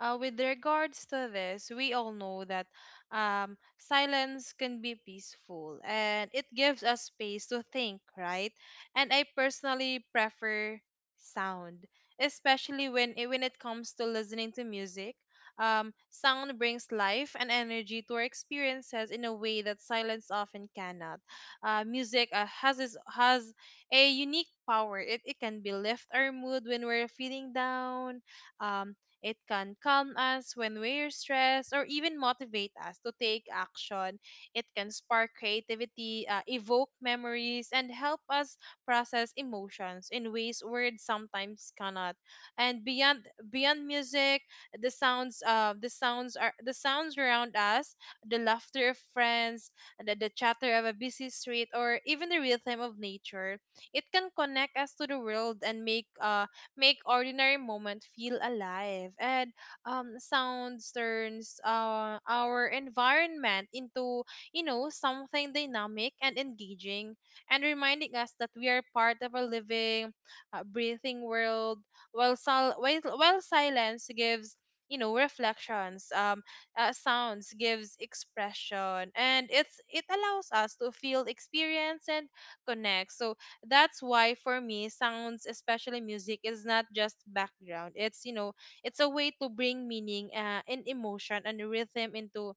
B: uh, With regards to this, we all know that, silence can be peaceful and it gives us space to think, right? And I personally prefer sound, especially when it comes to listening to music. Sound brings life and energy to our experiences in a way that silence often cannot. Music has a unique power. It can be lift our mood when we're feeling down. Um, it can calm us when we're stressed, or even motivate us to take action. It can spark creativity, evoke memories, and help us process emotions in ways words sometimes cannot. And beyond music, the sounds around us, the laughter of friends, the chatter of a busy street, or even the rhythm of nature, it can connect us to the world and make ordinary moment feel alive. And sounds turns our environment into, you know, something dynamic and engaging, and reminding us that we are part of a living, breathing world. While while silence gives, you know, reflections, sounds gives expression, and it allows us to feel, experience, and connect. So that's why, for me, sounds, especially music, is not just background. It's you know it's a way to bring meaning, and emotion and rhythm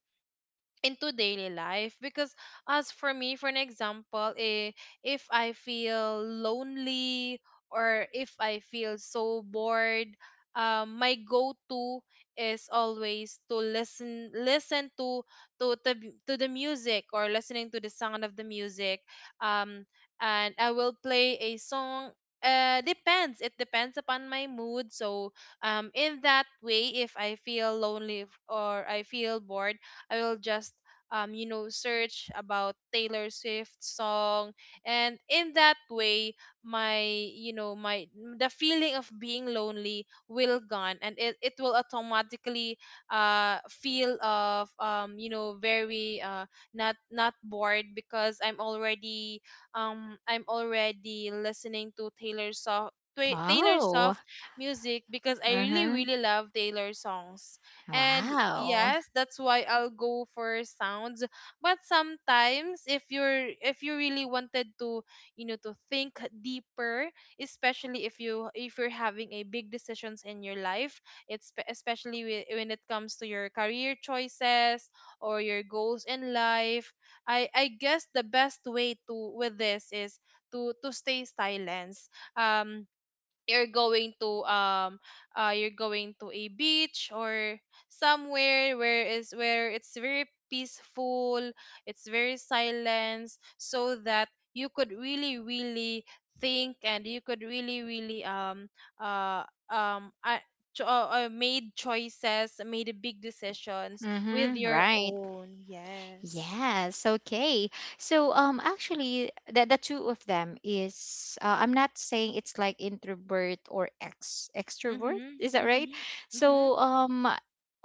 B: into daily life. Because as for me, for an example, if I feel lonely or if I feel so bored, my go-to is always to listen, to the music, or listening to the sound of the music. um and I will play a song. Depends It depends upon my mood. So, in that way, if I feel lonely, or I feel bored, I will just, search about Taylor Swift song. And in that way, my, the feeling of being lonely will gone, and it will automatically feel of, you know, very, not bored, because I'm already, I'm already listening to Taylor Swift, Taylor Swift
A: Oh,
B: music, because I really
A: uh-huh.
B: really love Taylor songs. And
A: Wow.
B: yes, that's why I'll go for sounds. But sometimes if you're if you really wanted to, you know, to think deeper, especially if you if you're having a big decisions in your life, especially when it comes to your career choices or your goals in life. I guess the best way to with this is to stay silent. Um you're going to, a beach or somewhere where it's very peaceful, it's very silent, so that you could really really think, and you could really really, uh um uh, made choices, made big decisions, with
A: Mm-hmm.
B: your
A: Right.
B: own. Yes.
A: Yes, okay. So actually the two of them is I'm not saying it's like introvert or ex extrovert,
B: Mhm.
A: is that right?
B: Mhm. Mhm.
A: So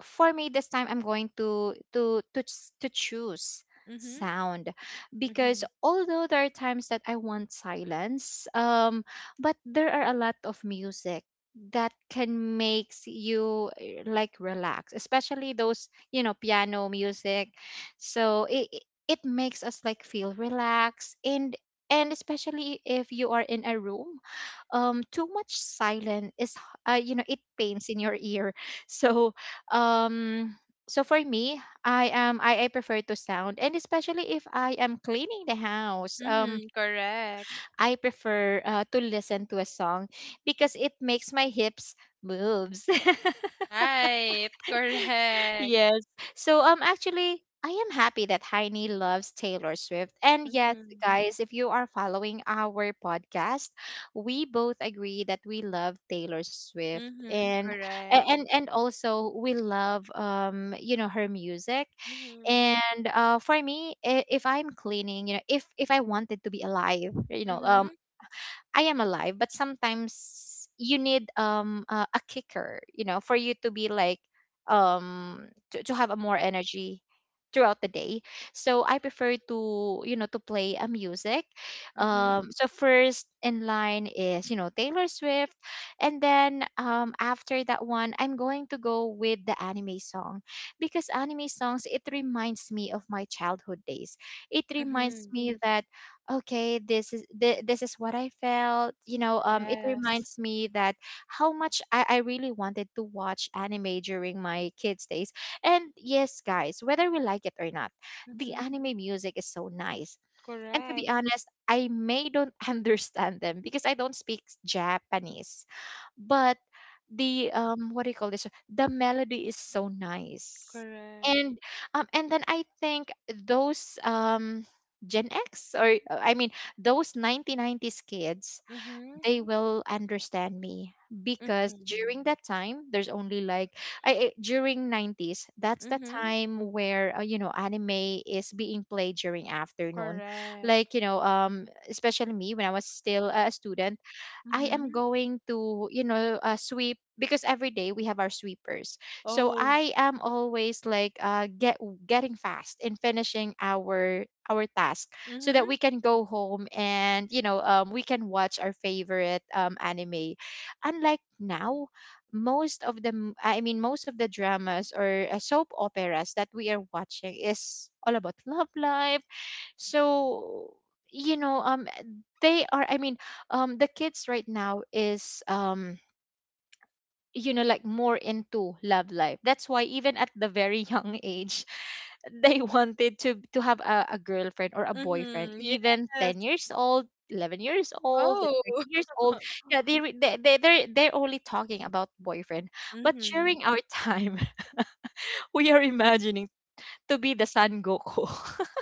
A: for me this time I'm going to to choose
B: Mhm.
A: sound, because
B: Mhm.
A: although there are times that I want silence, but there are a lot of music that can makes you like relax, especially those, you know, piano music. So it makes us like feel relaxed. And especially if you are in a room, too much silence is you know, it pains in your ear <laughs> so um so for me, I prefer to sound. And especially if I am cleaning the house,
B: Mhm. Correct.
A: I prefer to listen to a song, because it makes my hips moves. <laughs>
B: Right, correct.
A: Yes. So actually I am happy that Heini loves Taylor Swift. And yes,
B: Mhm.
A: guys, if you are following our podcast, we both agree that we love Taylor Swift
B: Mhm,
A: and a-
B: correct.
A: and and also we love her music.
B: Mhm.
A: And for me, if I'm cleaning, if I wanted to be alive,
B: Mhm.
A: I am alive, but sometimes you need a kicker, for you to be like to have a more energy throughout the day. So I prefer to, to play a music.
B: Mhm.
A: So first in line is, Taylor Swift, and then after that one I'm going to go with the anime song, because anime songs, it reminds me of my childhood days. It reminds
B: Mhm.
A: me that, okay, this is what I felt, it
B: Yes.
A: reminds me that how much I really wanted to watch anime during my kids days. And yes, guys, whether we like it or not, the
B: Mhm.
A: anime music is so nice. And to be
B: Correct.
A: honest, I may don't <laughs> understand them because I don't speak japanese. But the what do you call this? The melody is so nice.
B: Correct.
A: And and then I think those Gen X, or I mean those 1990s kids,
B: Mhm.
A: they will understand me, because
B: Mhm.
A: during that time there's only like during 90s, that's the
B: Mhm.
A: time where anime is being played during afternoon,
B: Correct.
A: like especially me, when I was still a student, I am
B: Mhm.
A: going to, sweep, because every day we have our sweepers. So
B: Oh.
A: I am always like getting fast in finishing our task, so that
B: Mhm.
A: we can go home and we can watch our favorite anime. Unlike now, most of the m- I mean most of the dramas or soap operas that we are watching is all about love life. So you know um they are I mean the kids right now is like more into love life, that's why even at the very young age <laughs> they wanted to have a girlfriend or a boyfriend,
B: Mhm.
A: even
B: Yes.
A: 10 years old, 11 years old, and
B: Oh.
A: 13 years old.
B: <laughs>
A: Yeah, they're only talking about boyfriend. But
B: Mhm.
A: during our time, <laughs> we are imagining to be the san goku. <laughs>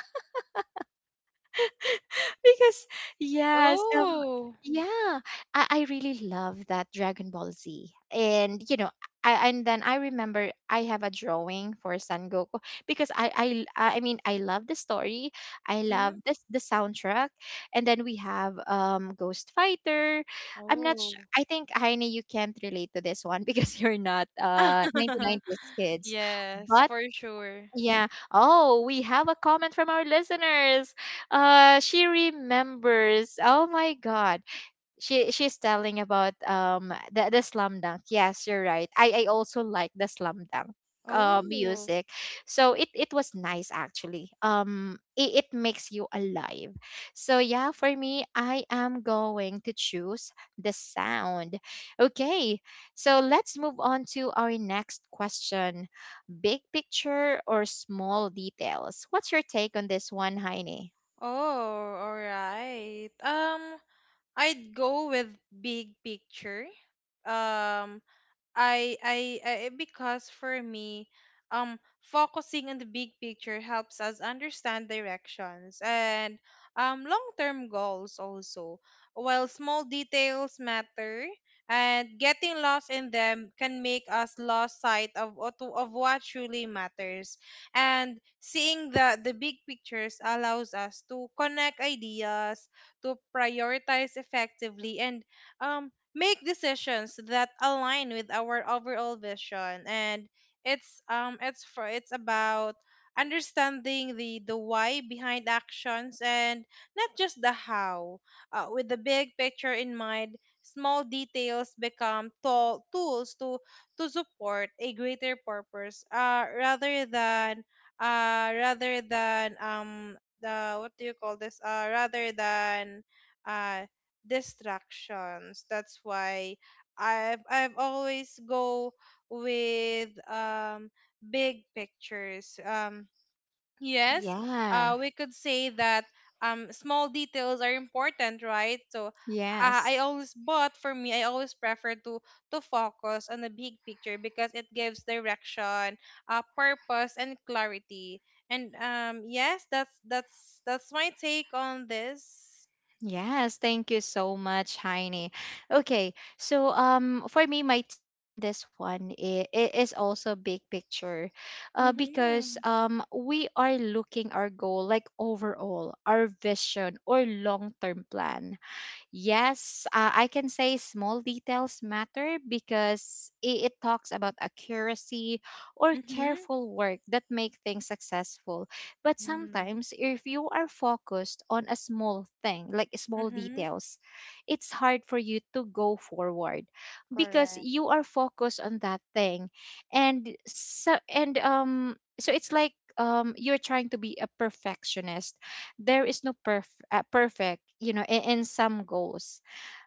A: Because yes.
B: Oh.
A: Yeah, I really love that Dragon Ball Z. And you know, I and then I remember I have a drawing for San Goku, because I mean I love the story. I love
B: Mhm.
A: this the soundtrack. And then we have Ghost Fighter. I'm not sure.
B: Oh.
A: I think Heine, you can't relate to this one <laughs> because you're not
B: <laughs>
A: 1990s kids.
B: Yes,
A: But
B: for sure.
A: yeah, oh, we have a comment from our listeners. Uh, she remembers. Oh my god, she's telling about the slam dunk. Yes, you're right. I also like the slam dunk
B: Oh.
A: music. So it was nice actually. It makes you alive. So yeah, for me, I am going to choose the sound. Okay. So let's move on to our next question. Big picture or small details? What's your take on this one, Heine?
B: Oh, all right. I'd go with big picture. Um, I because for me, focusing on the big picture helps us understand directions and long-term goals also. While small details matter, and getting lost in them can make us lost sight of what truly matters. And seeing the big pictures allows us to connect ideas, to prioritize effectively, and um make decisions that align with our overall vision. And it's about understanding the why behind actions and not just the how. With the big picture in mind, small details become tools to support a greater purpose rather than the what do you call this rather than uh, distractions. That's why I've always go with, big pictures. Yes,
A: Yeah.
B: we could say that, small details are important, right? So,
A: Yes.
B: I always but for me, I always prefer to focus on the big picture because it gives direction, purpose and clarity. And yes, that's my take on this.
A: Yes, thank you so much, Heine. Okay, so for me, my take on this one is it is also big picture, because
B: Mhm.
A: we are looking our goal like overall, our vision or long term plan. Yes, I can say small details matter because it talks about accuracy or
B: Mhm.
A: careful work that make things successful. But
B: Mm.
A: sometimes, if you are focused on a small thing, like small
B: Mm-hmm.
A: details, it's hard for you to go forward, because
B: Correct.
A: you are focused on that thing, and so it's like you're trying to be a perfectionist. There is no perfect, you know, in some goals,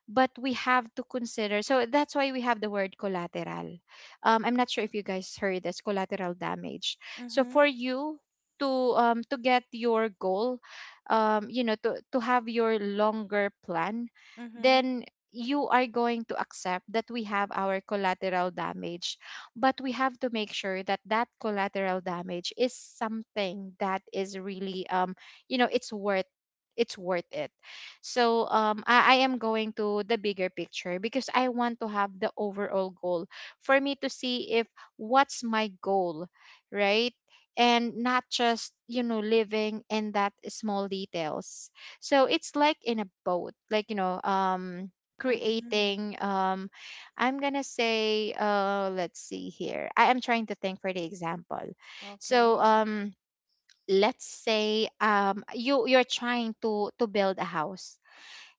A: but we have to consider, so that's why we have the word collateral. I'm not sure if you guys heard this, collateral damage. So
B: Mm-hmm.
A: for you to to get your goal, you know, to have your longer plan,
B: Mm-hmm.
A: then you are going to accept that we have our collateral damage. But we have to make sure that that collateral damage is something that is really it's worth, it's worth it. So I am going to the bigger picture, because I want to have the overall goal, for me to see if what's my goal, right? And not just, you know, living in that small details. So it's like in a boat, like, you know,
B: Mm-hmm.
A: creating, I'm going to say, let's see here. I am trying to think for the example. So,
B: Okay.
A: let's say you're trying to build a house.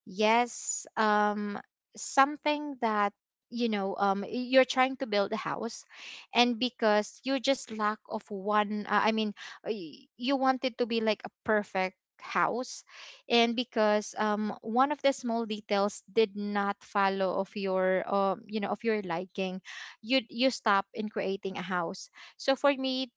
A: Yes, something that you know, you're trying to build a house, and because you just lack of one, I mean, you want it to be like a perfect house, and because one of the small details did not follow of your, you know, of your liking, you stop in creating a house. So for me,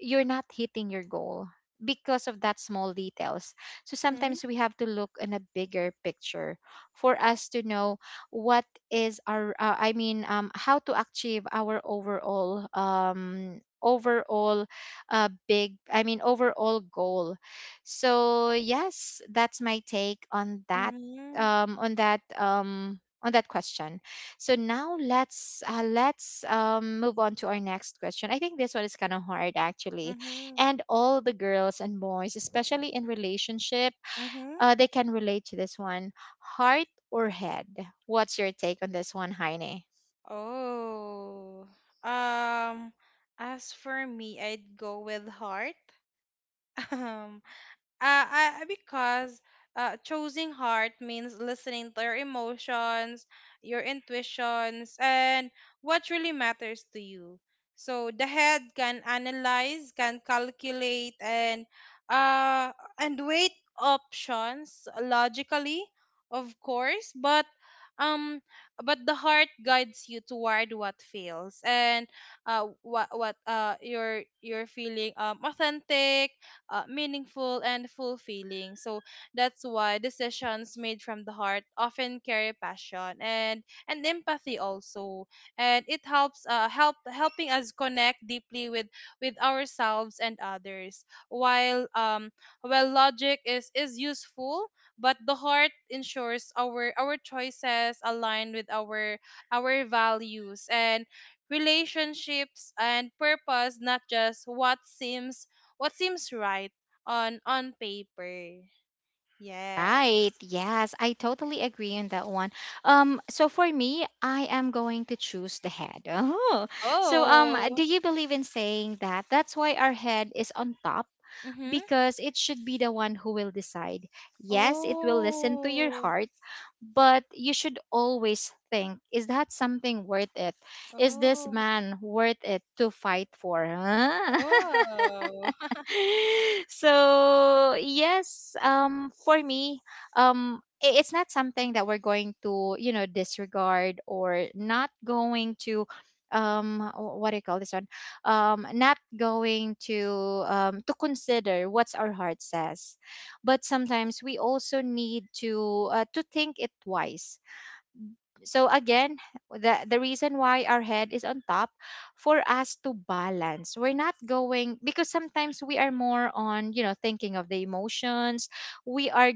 A: you're not hitting your goal because of that small details. So
B: Mm-hmm.
A: sometimes we have to look in a bigger picture for us to know what is our I mean how to achieve our overall big I mean overall goal. So yes, that's my take on that,
B: Mm-hmm.
A: on that question. So now let's move on to our next question. I think this one is kind of hard actually,
B: Mm-hmm.
A: and all the girls and boys, especially in relationship,
B: Mm-hmm.
A: they can relate to this one. Heart or head? What's your take on this one, Heine?
B: Oh. Um, as for me, I'd go with heart. <laughs> Um, because choosing heart means listening to your emotions, your intuitions, and what really matters to you. So the head can analyze, can calculate, and, uh, and weight options logically, of course. But, um, but the heart guides you toward what feels and, what you're feeling, authentic, meaningful and fulfilling. So that's why decisions made from the heart often carry passion and empathy also, and it helps, helping us connect deeply with, ourselves and others. While, logic is useful, but the heart ensures our choices align with our values and relationships and purpose, not just what seems right on paper. Yes.
A: Right. Yes, I totally agree on that one. So for me, I am going to choose the head. <laughs> Oh, so
B: Oh.
A: do you believe in saying that? That's why our head is on top,
B: Mhm.
A: because it should be the one who will decide. Yes, it will listen to your
B: Oh.
A: heart, but you should always think: Is that something worth it? Is this
B: Oh.
A: man worth it to fight for? Huh? <laughs>
B: Oh. <laughs>
A: <laughs> So yes, for me, it's not something that we're going to, you know, disregard or not going to what do you call this one, not going to consider what's our heart says, but sometimes we also need to think it twice. So again, the reason why our head is on top, for us to balance, we're not going, because sometimes we are more on, you know, thinking of the emotions, we are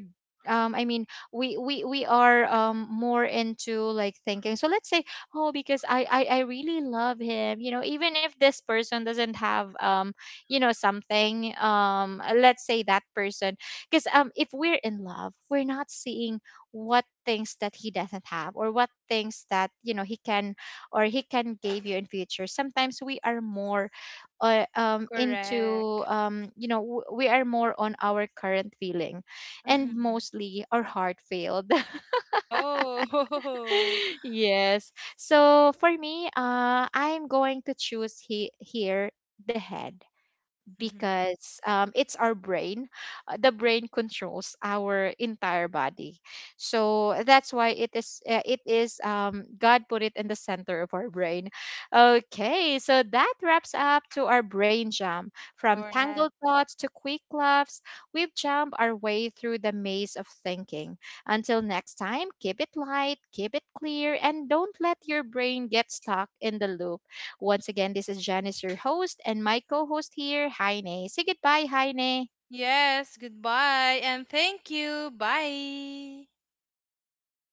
A: I mean, we are more into like thinking. So let's say, oh, because I really love him. You know, even if this person doesn't have you know, something. Let's say that person, because if we're in love, we're not seeing what things that he doesn't have, or what things that, you know, he can, or he can give you in future. Sometimes we are more into
B: Correct.
A: you know, we are more on our current feeling, and
B: Mhm.
A: mostly our heart failed. <laughs>
B: Oh. <laughs>
A: Yes. So for me, I'm going to choose here, the head,
B: Mhm.
A: because it's our brain. The brain controls our entire body, so that's why it is. It is, God put it in the center of our brain. Okay, so that wraps up to our brain jump from
B: All right.
A: tangled thoughts to quick laughs. We've jumped our way through the maze of thinking. Until next time, keep it light, keep it clear, and don't let your brain get stuck in the loop. Once again, this is Janice, your host, and my co host here, Heine. Say goodbye, Heine.
B: Yes, goodbye and thank you. Bye.